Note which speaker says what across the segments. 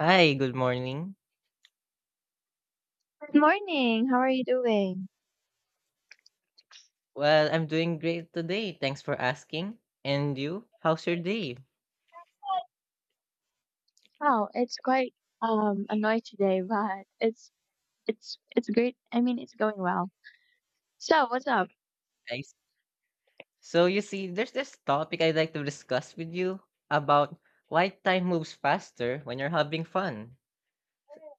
Speaker 1: Hi, good morning.
Speaker 2: Good morning. How are you doing?
Speaker 1: Well, I'm doing great today. Thanks for asking. And you? How's your day?
Speaker 2: Oh, it's quite annoyed today, but it's great. I mean, it's going well. So, what's up?
Speaker 1: Nice. So you see, there's this topic I'd like to discuss with you about why time moves faster when you're having fun.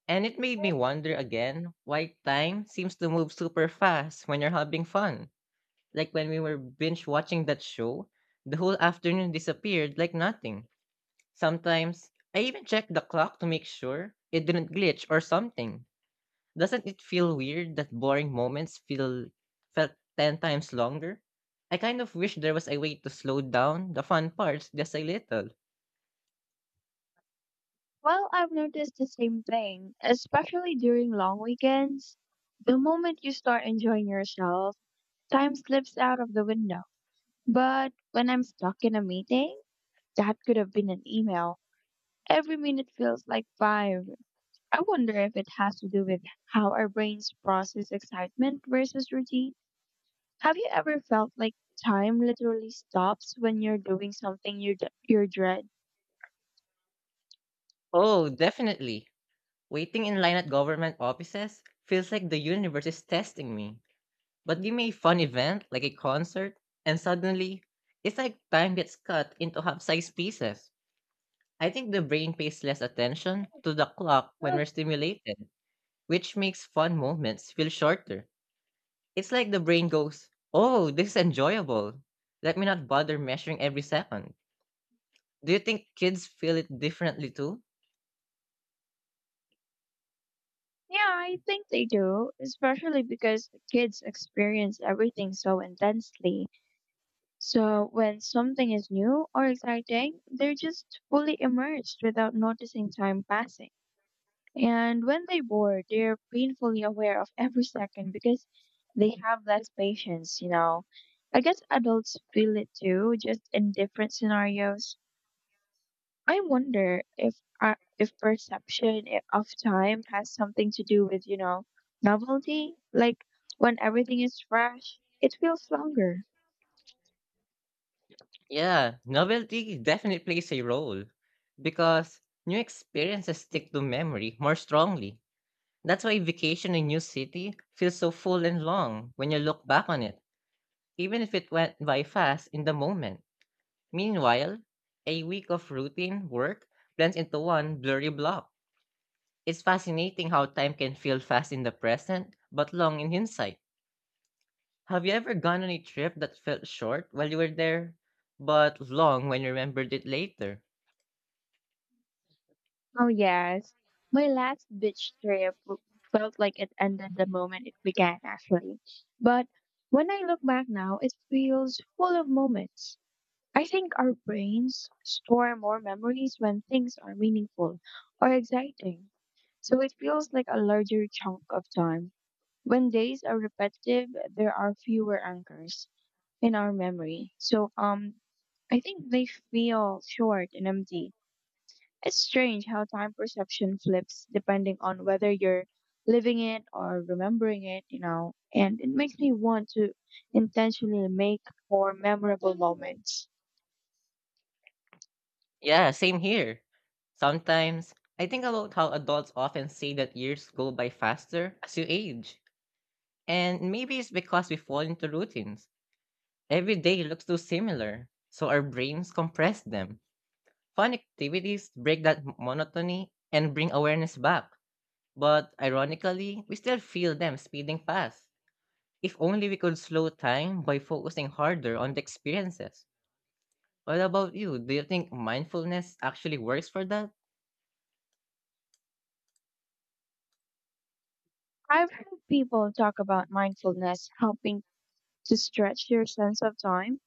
Speaker 1: And it made me wonder again why time seems to move super fast when you're having fun. Like when we were binge watching that show, the whole afternoon disappeared like nothing. Sometimes I even checked the clock to make sure it didn't glitch or something. Doesn't it feel weird that boring moments feel felt 10 times longer? I kind of wish there was a way to slow down the fun parts just a little.
Speaker 2: Well, I've noticed the same thing, especially during long weekends. The moment you start enjoying yourself, time slips out of the window. But when I'm stuck in a meeting, that could have been an email. Every minute feels like five. I wonder if it has to do with how our brains process excitement versus routine. Have you ever felt like time literally stops when you're doing something you are dread?
Speaker 1: Oh, definitely. Waiting in line at government offices feels like the universe is testing me. But give me a fun event, like a concert, and suddenly, it's like time gets cut into half-sized pieces. I think the brain pays less attention to the clock when
Speaker 2: Well,
Speaker 1: we're stimulated, which makes fun moments feel shorter. It's like the brain goes, "Oh, this is enjoyable. Let me not bother measuring every second." Do you think kids feel it differently too?
Speaker 2: yeah, I think they do, especially because the kids experience everything so intensely. So when something is new or exciting, they're just fully immersed without noticing time passing. And when they bored, they're painfully aware of every second because they have less patience, you know. I guess adults feel it too, just in different scenarios. I wonder if if of time has something to do with, you know, novelty. Like when everything is fresh, it feels longer.
Speaker 1: Yeah, novelty definitely plays a role because new experiences stick to memory more strongly. That's why vacation in a new city feels so full and long when you look back on it, even if it went by fast in the moment. Meanwhile, a week of routine work blends into one blurry block. It's fascinating how time can feel fast in the present, but long in hindsight. Have you ever gone on a trip that felt short while you were there, but long when you remembered it later?
Speaker 2: Oh, yes. My last beach trip w- felt like it ended the moment it began, actually. But when I look back now, it feels full of moments. I think our brains store more memories when things are meaningful or exciting. So it feels like a larger chunk of time. When days are repetitive, there are fewer anchors in our memory. So I think they feel short and empty. It's strange how time perception flips depending on whether you're living it or remembering it, you know, and it makes me want to intentionally make more memorable moments.
Speaker 1: Yeah, same here. Sometimes, I think about how adults often say that years go by faster as you age. And maybe it's because we fall into routines. Every day looks too similar, so our brains compress them. Fun activities break that monotony and bring awareness back. But ironically, we still feel them speeding past. If only we could slow time by focusing harder on the experiences. What about you? Do you think mindfulness actually works for that?
Speaker 2: I've heard people talk about mindfulness helping to stretch your sense of time,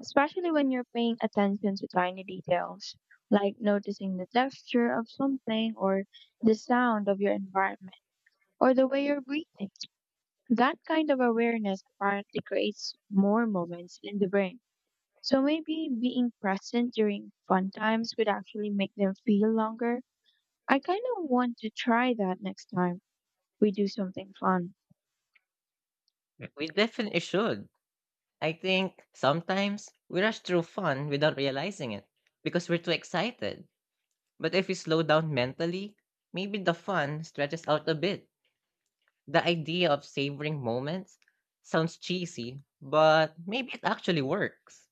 Speaker 2: especially when you're paying attention to tiny details, like noticing the texture of something or the sound of your environment or the way you're breathing. That kind of awareness apparently creates more moments in the brain. So maybe being present during fun times could actually make them feel longer. I kind of want to try that next time we do something fun.
Speaker 1: We definitely should. I think sometimes we rush through fun without realizing it because we're too excited. But if we slow down mentally, maybe the fun stretches out a bit. The idea of savoring moments sounds cheesy, but maybe it actually works.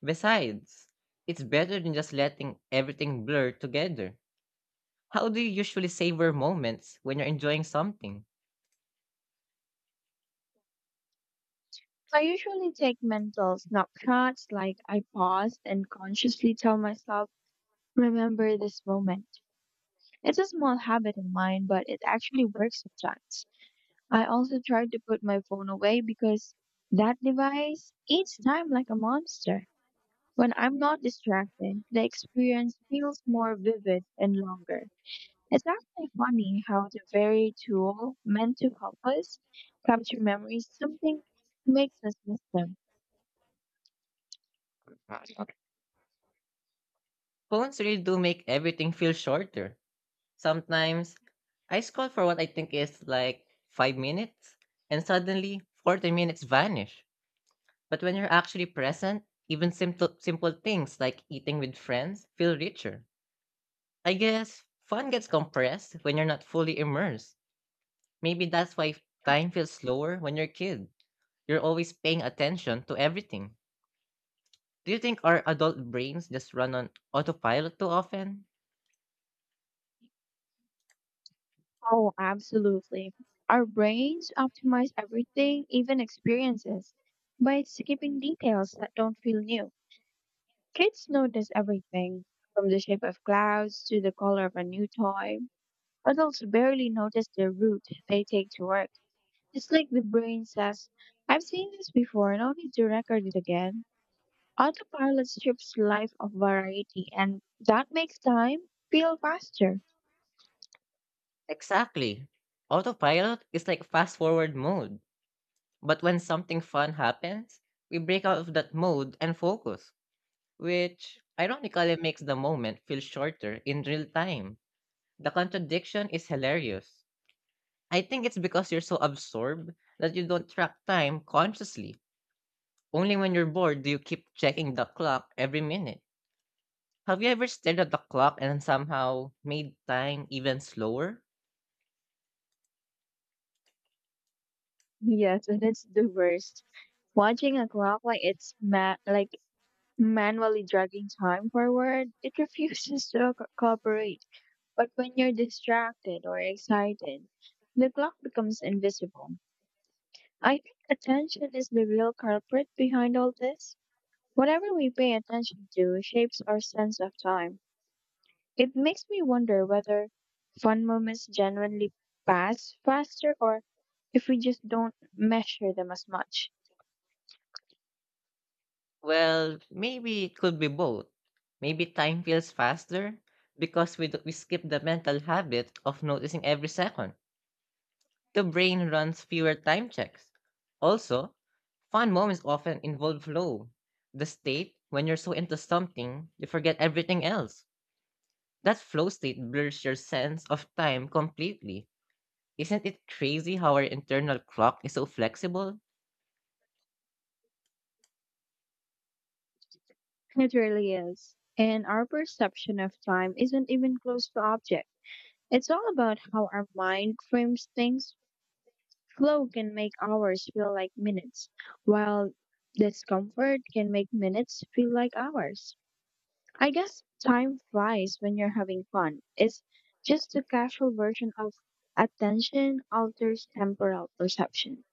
Speaker 1: Besides, it's better than just letting everything blur together. How do you usually savor moments when you're enjoying something?
Speaker 2: I usually take mental snapshots like I pause and consciously tell myself, remember this moment. It's a small habit of mine, but it actually works sometimes. I also try to put my phone away because that device eats time like a monster. When I'm not distracted, the experience feels more vivid and longer. It's actually funny how the very tool meant to help us capture memories, something makes us miss them.
Speaker 1: Phones really do make everything feel shorter. Sometimes I scroll for what I think is like 5 minutes and suddenly 40 minutes vanish. But when you're actually present, even simple things like eating with friends feel richer. I guess fun gets compressed when you're not fully immersed. Maybe that's why time feels slower when you're a kid. You're always paying attention to everything. Do you think our adult brains just run on autopilot too often?
Speaker 2: Oh, absolutely. Our brains optimize everything, even experiences, by skipping details that don't feel new. Kids notice everything, from the shape of clouds to the color of a new toy. Adults barely notice the route they take to work. It's like the brain says, I've seen this before, no need to record it again. Autopilot strips life of variety, and that makes time feel faster.
Speaker 1: Exactly. Autopilot is like fast forward mode. But when something fun happens, we break out of that mode and focus, which ironically makes the moment feel shorter in real time. The contradiction is hilarious. I think it's because you're so absorbed that you don't track time consciously. Only when you're bored do you keep checking the clock every minute. Have you ever stared at the clock and somehow made time even slower?
Speaker 2: Yes, and it's the worst. Watching a clock like like manually dragging time forward, it refuses to cooperate. But when you're distracted or excited, the clock becomes invisible. I think attention is the real culprit behind all this. Whatever we pay attention to shapes our sense of time. It makes me wonder whether fun moments genuinely pass faster or if we just don't measure them as much.
Speaker 1: Well, maybe it could be both. Maybe time feels faster because we skip the mental habit of noticing every second. The brain runs fewer time checks. Also, fun moments often involve flow. The state when you're so into something, you forget everything else. That flow state blurs your sense of time completely. Isn't it crazy how our internal clock is so flexible?
Speaker 2: It really is. And our perception of time isn't even close to object. It's all about how our mind frames things. Flow can make hours feel like minutes, while discomfort can make minutes feel like hours. I guess time flies when you're having fun. It's just a casual version of attention alters temporal perception.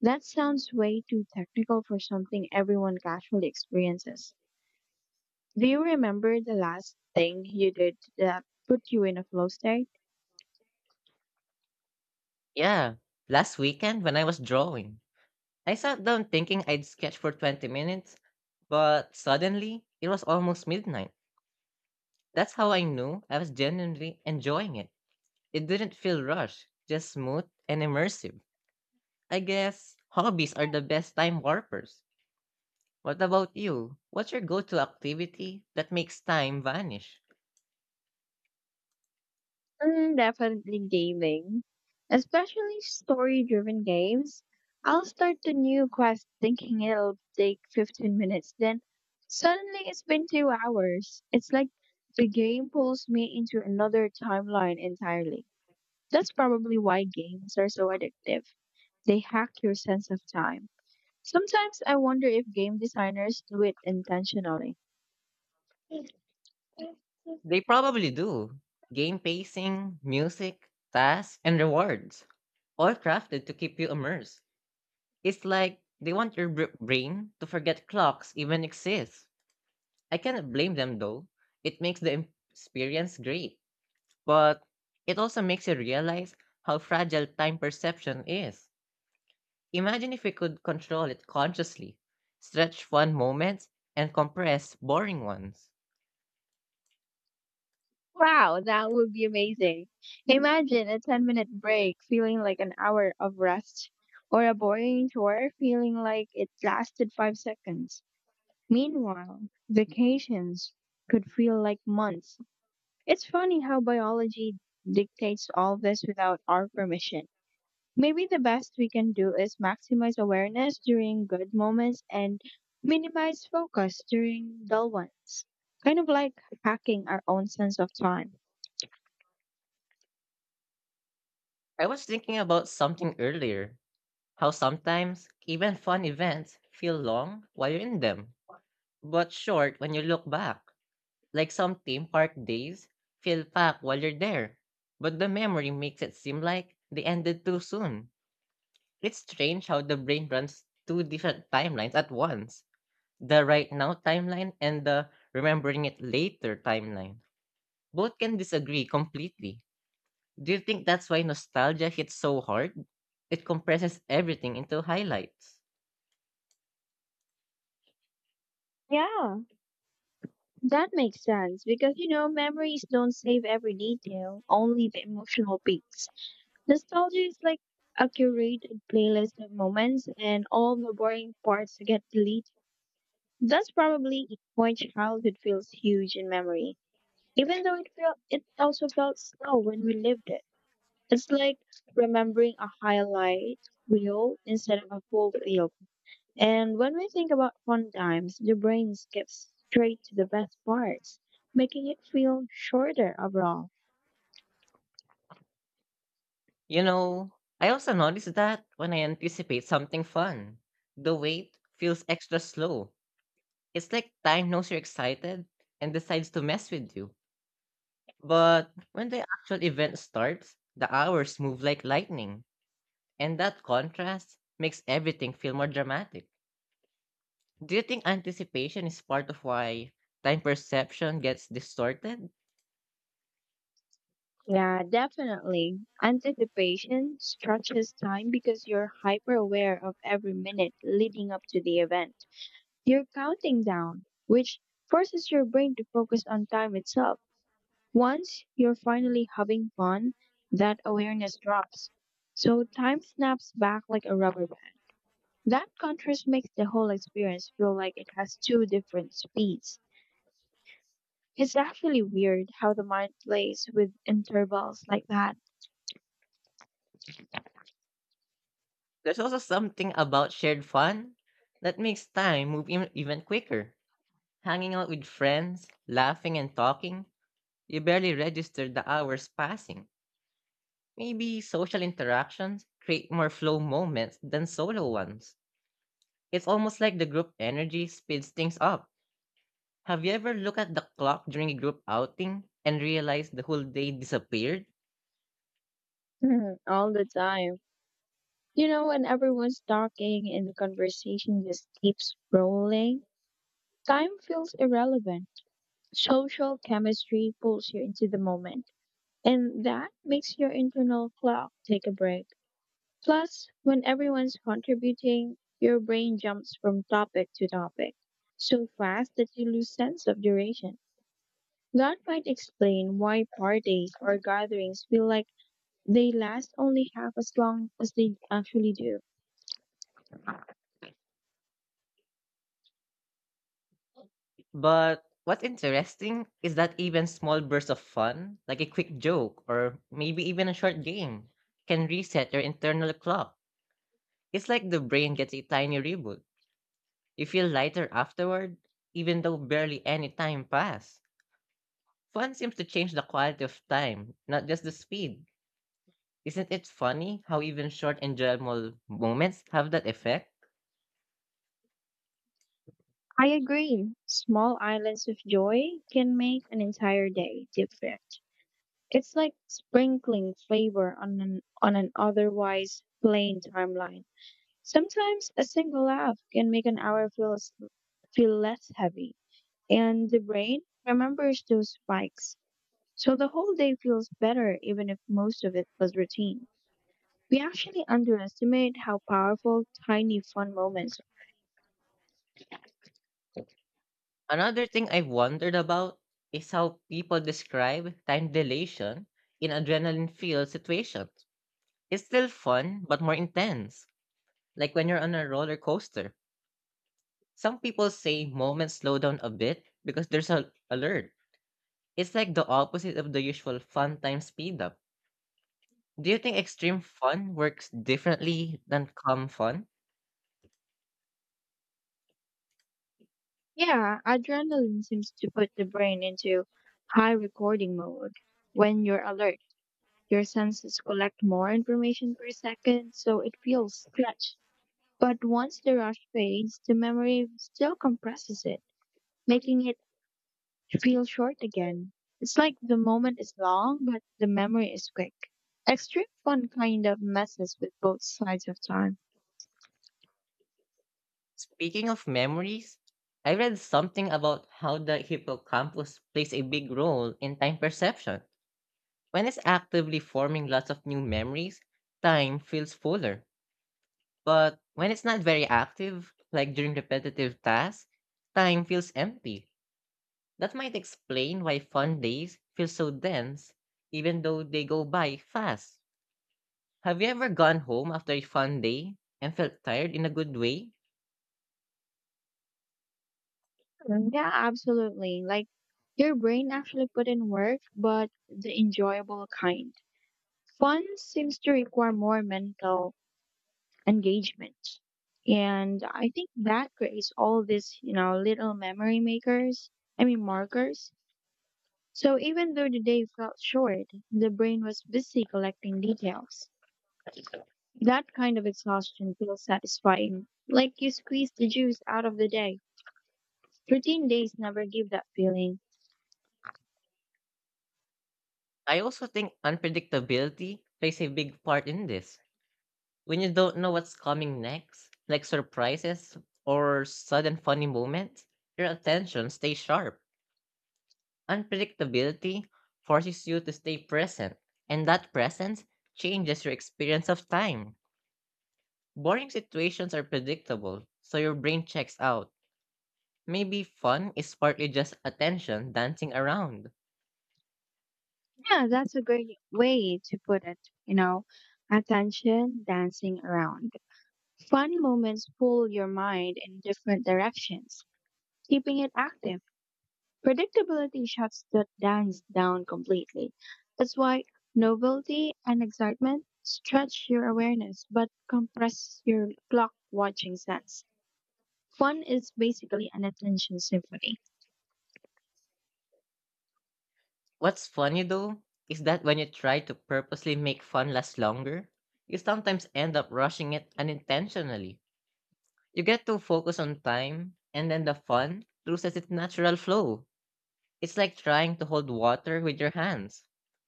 Speaker 2: That sounds way too technical for something everyone casually experiences. Do you remember the last thing you did that put you in a flow state?
Speaker 1: Yeah, last weekend when I was drawing, I sat down thinking I'd sketch for 20 minutes, but suddenly it was almost midnight. That's how I knew I was genuinely enjoying it. It didn't feel rushed, just smooth and immersive. I guess hobbies are the best time warpers. What about you? What's your go to activity that makes time vanish?
Speaker 2: Mm, definitely gaming, especially story-driven games. I'll start the new quest thinking it'll take 15 minutes, then suddenly it's been 2 hours. It's like the game pulls me into another timeline entirely. That's probably why games are so addictive. They hack your sense of time. Sometimes I wonder if game designers do it intentionally.
Speaker 1: They probably do. Game pacing, music, tasks, and rewards, all crafted to keep you immersed. It's like they want your brain to forget clocks even exist. I cannot blame them though. It makes the experience great, but it also makes you realize how fragile time perception is. Imagine if we could control it consciously, stretch fun moments and compress boring ones.
Speaker 2: Wow, that would be amazing. Imagine a 10-minute break feeling like an hour of rest, or a boring tour feeling like it lasted 5 seconds. Meanwhile, vacations could feel like months. It's funny how biology dictates all this without our permission. Maybe the best we can do is maximize awareness during good moments and minimize focus during dull ones. Kind of like hacking our own sense of time.
Speaker 1: I was thinking about something earlier how sometimes even fun events feel long while you're in them, but short when you look back. Like some theme park days feel packed while you're there, but the memory makes it seem like they ended too soon. It's strange how the brain runs two different timelines at once the right now timeline and the remembering it later timeline. Both can disagree completely. Do you think that's why nostalgia hits so hard? It compresses everything into highlights.
Speaker 2: Yeah, that makes sense because you know memories don't save every detail, only the emotional peaks. Nostalgia is like a curated playlist of moments and all the boring parts get deleted. That's probably why childhood feels huge in memory, even though it also felt slow when we lived it. It's like remembering a highlight reel instead of a full film. And when we think about fun times, the brain skips straight to the best parts, making it feel shorter overall.
Speaker 1: You know, I also notice that when I anticipate something fun, the wait feels extra slow. It's like time knows you're excited and decides to mess with you. But when the actual event starts, the hours move like lightning, and that contrast makes everything feel more dramatic. Do you think anticipation is part of why time perception gets distorted?
Speaker 2: Yeah, definitely. Anticipation stretches time because you're hyper aware of every minute leading up to the event. You're counting down, which forces your brain to focus on time itself. Once you're finally having fun, that awareness drops. So time snaps back like a rubber. That contrast makes the whole experience feel like it has two different speeds. It's actually weird how the mind plays with intervals like that.
Speaker 1: There's also something about shared fun that makes time move even quicker. Hanging out with friends, laughing and talking, you barely register the hours passing. Maybe social interactions create more flow moments than solo ones. It's almost like the group energy speeds things up. Have you ever looked at the clock during a group outing and realized the whole day disappeared?
Speaker 2: Mhm, all the time. You know, when everyone's talking and the conversation just keeps rolling, time feels irrelevant. Social chemistry pulls you into the moment, and that makes your internal clock take a break. Plus, when everyone's contributing, your brain jumps from topic to topic so fast that you lose sense of duration. That might explain why parties or gatherings feel like they last only half as long as they actually do.
Speaker 1: But what's interesting is that even small bursts of fun, like a quick joke or maybe even a short game, can reset your internal clock. It's like the brain gets a tiny reboot. You feel lighter afterward, even though barely any time passed. Fun seems to change the quality of time, not just the speed. Isn't it funny how even short enjoyable moments have that effect?
Speaker 2: I agree. Small islands of joy can make an entire day different. It's like sprinkling flavor on an otherwise plain timeline. Sometimes a single laugh can make an hour feel less heavy, and the brain remembers those spikes. So the whole day feels better even if most of it was routine. We actually underestimate how powerful tiny fun moments are.
Speaker 1: Another thing I've wondered about is how people describe time dilation in adrenaline filled situations. It's still fun, but more intense, like when you're on a roller coaster. Some people say moments slow down a bit because there's an alert. It's like the opposite of the usual fun time speed up. Do you think extreme fun works differently than calm fun?
Speaker 2: Yeah, adrenaline seems to put the brain into high recording mode. When you're alert, your senses collect more information per second, so it feels stretched. But once the rush fades, the memory still compresses it, making it feel short again. It's like the moment is long, but the memory is quick. Extreme fun kind of messes with both sides of time.
Speaker 1: Speaking of memories, I read something about how the hippocampus plays a big role in time perception. When it's actively forming lots of new memories, time feels fuller. But when it's not very active, like during repetitive tasks, time feels empty. That might explain why fun days feel so dense, even though they go by fast. Have you ever gone home after a fun day and felt tired in a good way?
Speaker 2: Mm, yeah, absolutely. Like your brain actually put in work, but the enjoyable kind. Fun seems to require more mental engagement. And I think that creates all these, you know, little memory makers, I mean, markers. So even though the day felt short, the brain was busy collecting details. That kind of exhaustion feels satisfying, like you squeeze the juice out of the day. Routine days never give that feeling.
Speaker 1: I also think unpredictability plays a big part in this. When you don't know what's coming next, like surprises or sudden funny moments, your attention stays sharp. Unpredictability forces you to stay present, and that presence changes your experience of time. Boring situations are predictable, so your brain checks out. Maybe fun is partly just attention dancing around.
Speaker 2: Yeah, that's a great way to put it, you know, attention dancing around. Fun moments pull your mind in different directions, keeping it active. Predictability shuts the dance down completely. That's why novelty and excitement stretch your awareness but compress your clock watching sense. Fun is basically an attention symphony.
Speaker 1: What's funny though is that when you try to purposely make fun last longer, you sometimes end up rushing it unintentionally. You get too focused on time, and then the fun loses its natural flow. It's like trying to hold water with your hands.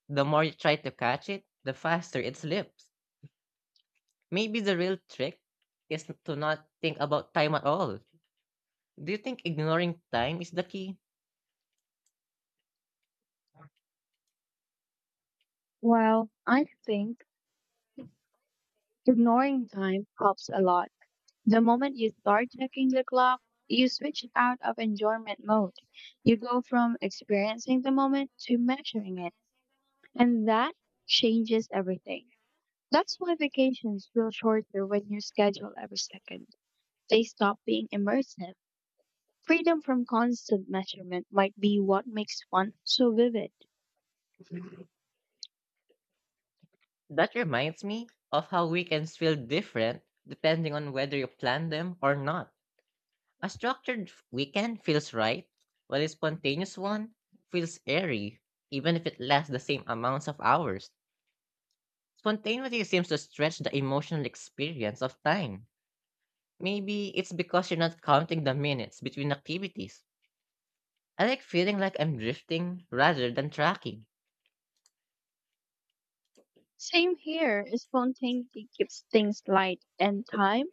Speaker 1: The more you try to catch it, the faster it slips. Maybe the real trick is to not think about time at all. Do you think ignoring time is the key?
Speaker 2: Well, I think ignoring time helps a lot. The moment you start checking the clock, you switch out of enjoyment mode. You go from experiencing the moment to measuring it, and that changes everything. That's why vacations feel shorter when you schedule every second. They stop being immersive. Freedom from constant measurement might be what makes one so vivid.
Speaker 1: That reminds me of how weekends feel different depending on whether you plan them or not. A structured weekend feels right, while a spontaneous one feels airy, even if it lasts the same amounts of hours. Spontaneity seems to stretch the emotional experience of time. Maybe it's because you're not counting the minutes between activities. I like feeling like I'm drifting rather than tracking.
Speaker 2: Same here, spontaneity keeps things light, and time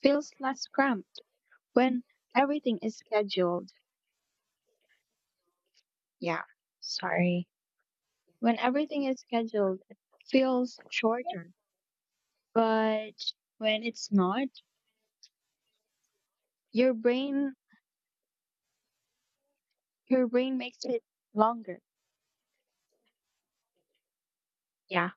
Speaker 2: feels less cramped when everything is scheduled. Yeah, sorry. When everything is scheduled, it feels shorter. But when it's not, your brain your brain makes it longer. Yeah,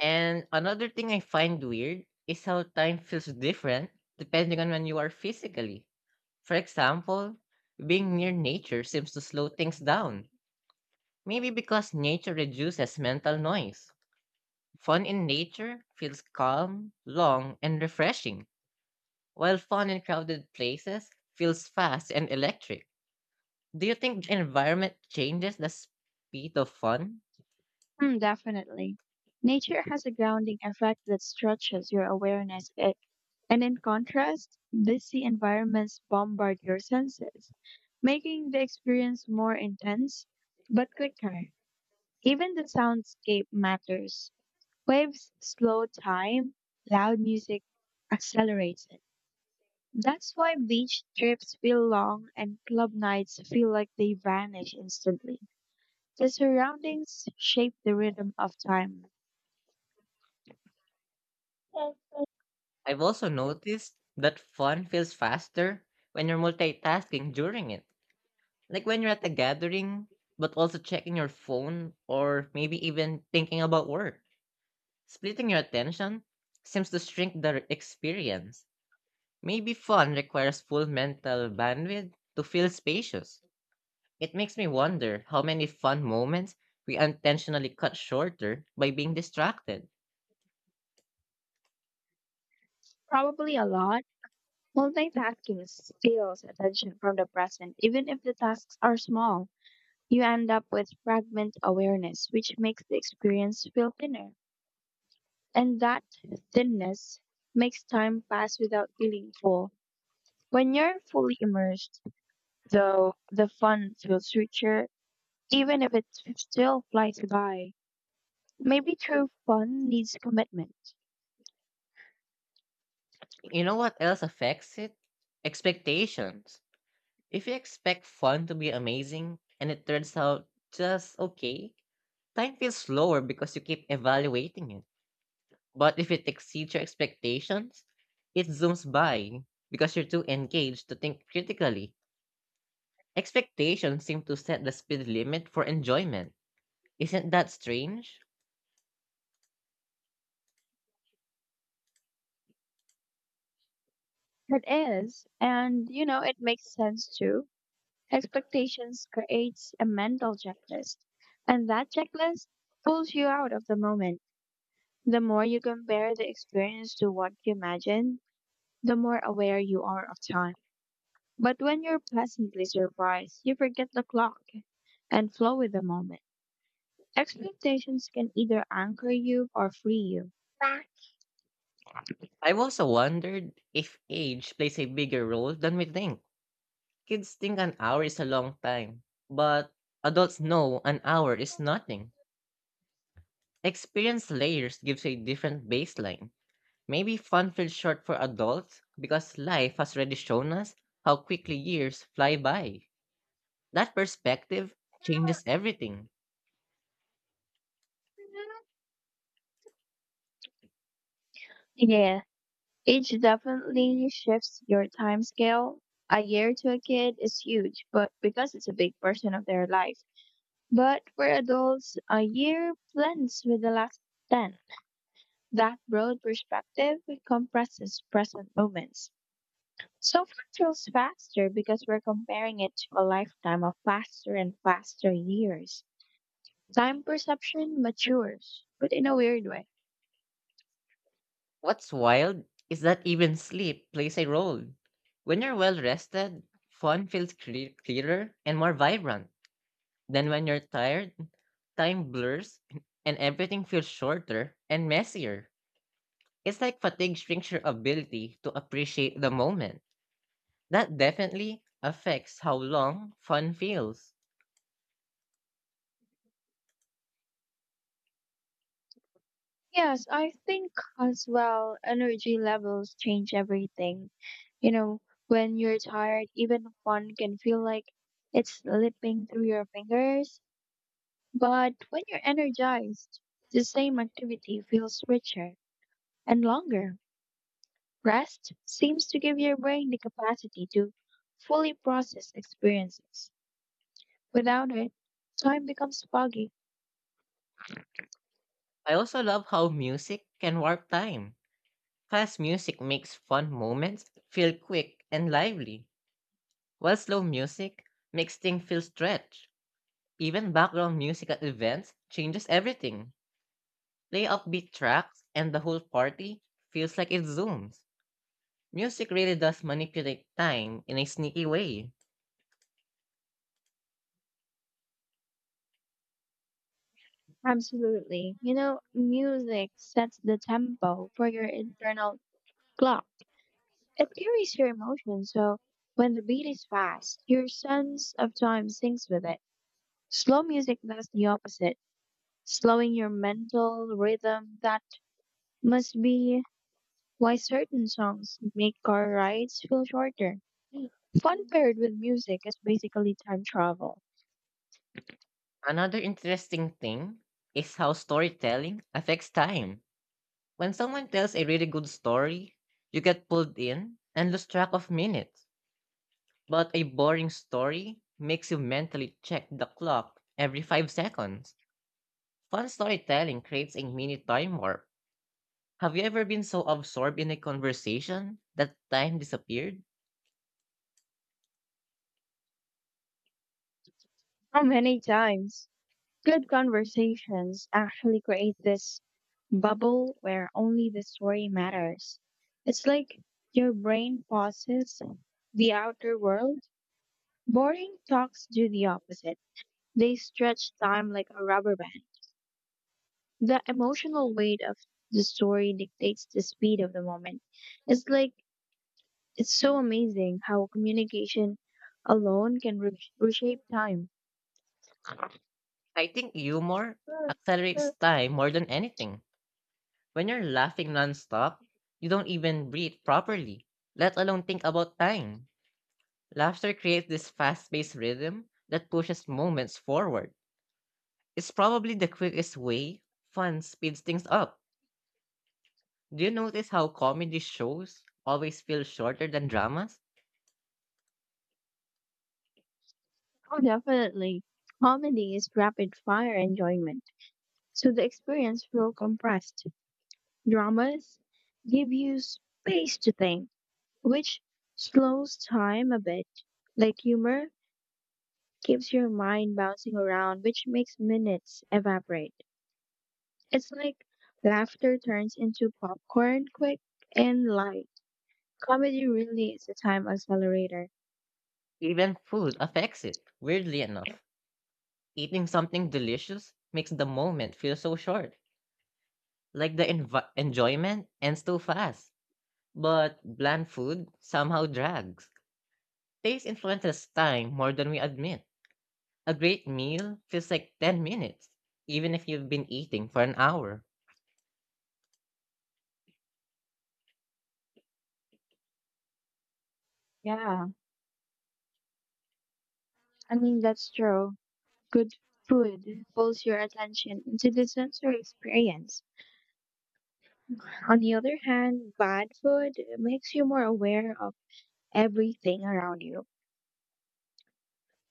Speaker 1: And another thing I find weird is how time feels different depending on when you are physically. For example, being near nature seems to slow things down. Maybe because nature reduces mental noise. Fun in nature feels calm, long, and refreshing, while fun in crowded places feels fast and electric. Do you think the environment changes the speed of fun?
Speaker 2: hmm, definitely. Nature has a grounding effect that stretches your awareness. And in contrast, busy environments bombard your senses, making the experience more intense but quicker. Even the soundscape matters. Waves slow time, loud music accelerates it. That's why beach trips feel long and club nights feel like they vanish instantly. The surroundings shape the rhythm of time.
Speaker 1: I've also noticed that fun feels faster when you're multitasking during it. Like when you're at a gathering, but also checking your phone or maybe even thinking about work. Splitting your attention seems to shrink the experience. Maybe fun requires full mental bandwidth to feel spacious. It makes me wonder how many fun moments we intentionally cut shorter by being distracted.
Speaker 2: Probably a lot. Multitasking steals attention from the present, even if the tasks are small. You end up with fragment awareness, which makes the experience feel thinner. And that thinness makes time pass without feeling full. When you're fully immersed, though, the fun feels richer, even if it still flies by. Maybe true fun needs commitment.
Speaker 1: You know what else affects it? Expectations. If you expect fun to be amazing and it turns out just okay, time feels slower because you keep evaluating it. But if it exceeds your expectations, it zooms by because you're too engaged to think critically. Expectations seem to set the speed limit for enjoyment. Isn't that strange?
Speaker 2: It is, and you know, it makes sense too. Expectations creates a mental checklist, and that checklist pulls you out of the moment. The more you compare the experience to what you imagine, the more aware you are of time. But when you're pleasantly surprised, you forget the clock and flow with the moment. Expectations can either anchor you or free you.
Speaker 1: I've also wondered if age plays a bigger role than we think. Kids think an hour is a long time, but adults know an hour is nothing. Experience layers gives a different baseline. Maybe fun feels short for adults because life has already shown us how quickly years fly by. That perspective changes everything.
Speaker 2: Yeah, age definitely shifts your time scale. A year to a kid is huge, but because it's a big portion of their life. But for adults, a year blends with the last 10. That broad perspective compresses present moments. So far feels faster because we're comparing it to a lifetime of faster and faster years. Time perception matures, but in a weird way.
Speaker 1: What's wild is that even sleep plays a role. When you're well rested, fun feels clear, clearer and more vibrant. Then when you're tired, time blurs and everything feels shorter and messier. It's like fatigue shrinks your ability to appreciate the moment. That definitely affects how long fun feels.
Speaker 2: Yes, I think as well, energy levels change everything. You know, when you're tired, even fun can feel like it's slipping through your fingers. But when you're energized, the same activity feels richer and longer. Rest seems to give your brain the capacity to fully process experiences. Without it, time becomes foggy.
Speaker 1: I also love how music can warp time. Fast music makes fun moments feel quick and lively, while slow music makes things feel stretched. Even background music at events changes everything. Play upbeat tracks, and the whole party feels like it zooms. Music really does manipulate time in a sneaky way.
Speaker 2: Absolutely. You know, music sets the tempo for your internal clock. It carries your emotions, so when the beat is fast, your sense of time syncs with it. Slow music does the opposite, slowing your mental rhythm. That must be why certain songs make car rides feel shorter. Fun paired with music is basically time travel.
Speaker 1: Another interesting thing is how storytelling affects time. When someone tells a really good story, you get pulled in and lose track of minutes. But a boring story makes you mentally check the clock every 5 seconds. Fun storytelling creates a mini time warp. Have you ever been so absorbed in a conversation that time disappeared?
Speaker 2: How many times? Good conversations actually create this bubble where only the story matters. It's like your brain pauses the outer world. Boring talks do the opposite. They stretch time like a rubber band. The emotional weight of the story dictates the speed of the moment. It's like it's so amazing how communication alone can reshape time.
Speaker 1: I think humor accelerates time more than anything. When you're laughing nonstop, you don't even breathe properly, let alone think about time. Laughter creates this fast paced rhythm that pushes moments forward. It's probably the quickest way fun speeds things up. Do you notice how comedy shows always feel shorter than dramas?
Speaker 2: Oh, definitely. Comedy is rapid fire enjoyment, so the experience feels compressed. Dramas give you space to think, which slows time a bit. Like humor keeps your mind bouncing around, which makes minutes evaporate. It's like laughter turns into popcorn quick and light. Comedy really is a time accelerator.
Speaker 1: Even food affects it, weirdly enough. Eating something delicious makes the moment feel so short, like the enjoyment ends too fast. But bland food somehow drags. Taste influences time more than we admit. A great meal feels like 10 minutes, even if you've been eating for an hour.
Speaker 2: Yeah, I mean, that's true. Good food pulls your attention into the sensory experience. On the other hand, bad food makes you more aware of everything around you,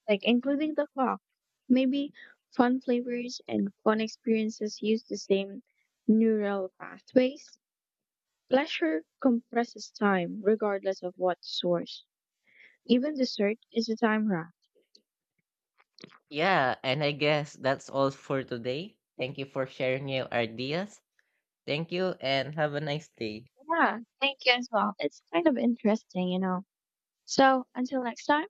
Speaker 2: like including the clock. Maybe fun flavors and fun experiences use the same neural pathways. Pleasure compresses time, regardless of what source. Even dessert is a time wrap.
Speaker 1: Yeah, and I guess that's all for today. Thank you for sharing your ideas. Thank you and have a nice day.
Speaker 2: Yeah, thank you as well. It's kind of interesting, you know. So until next time.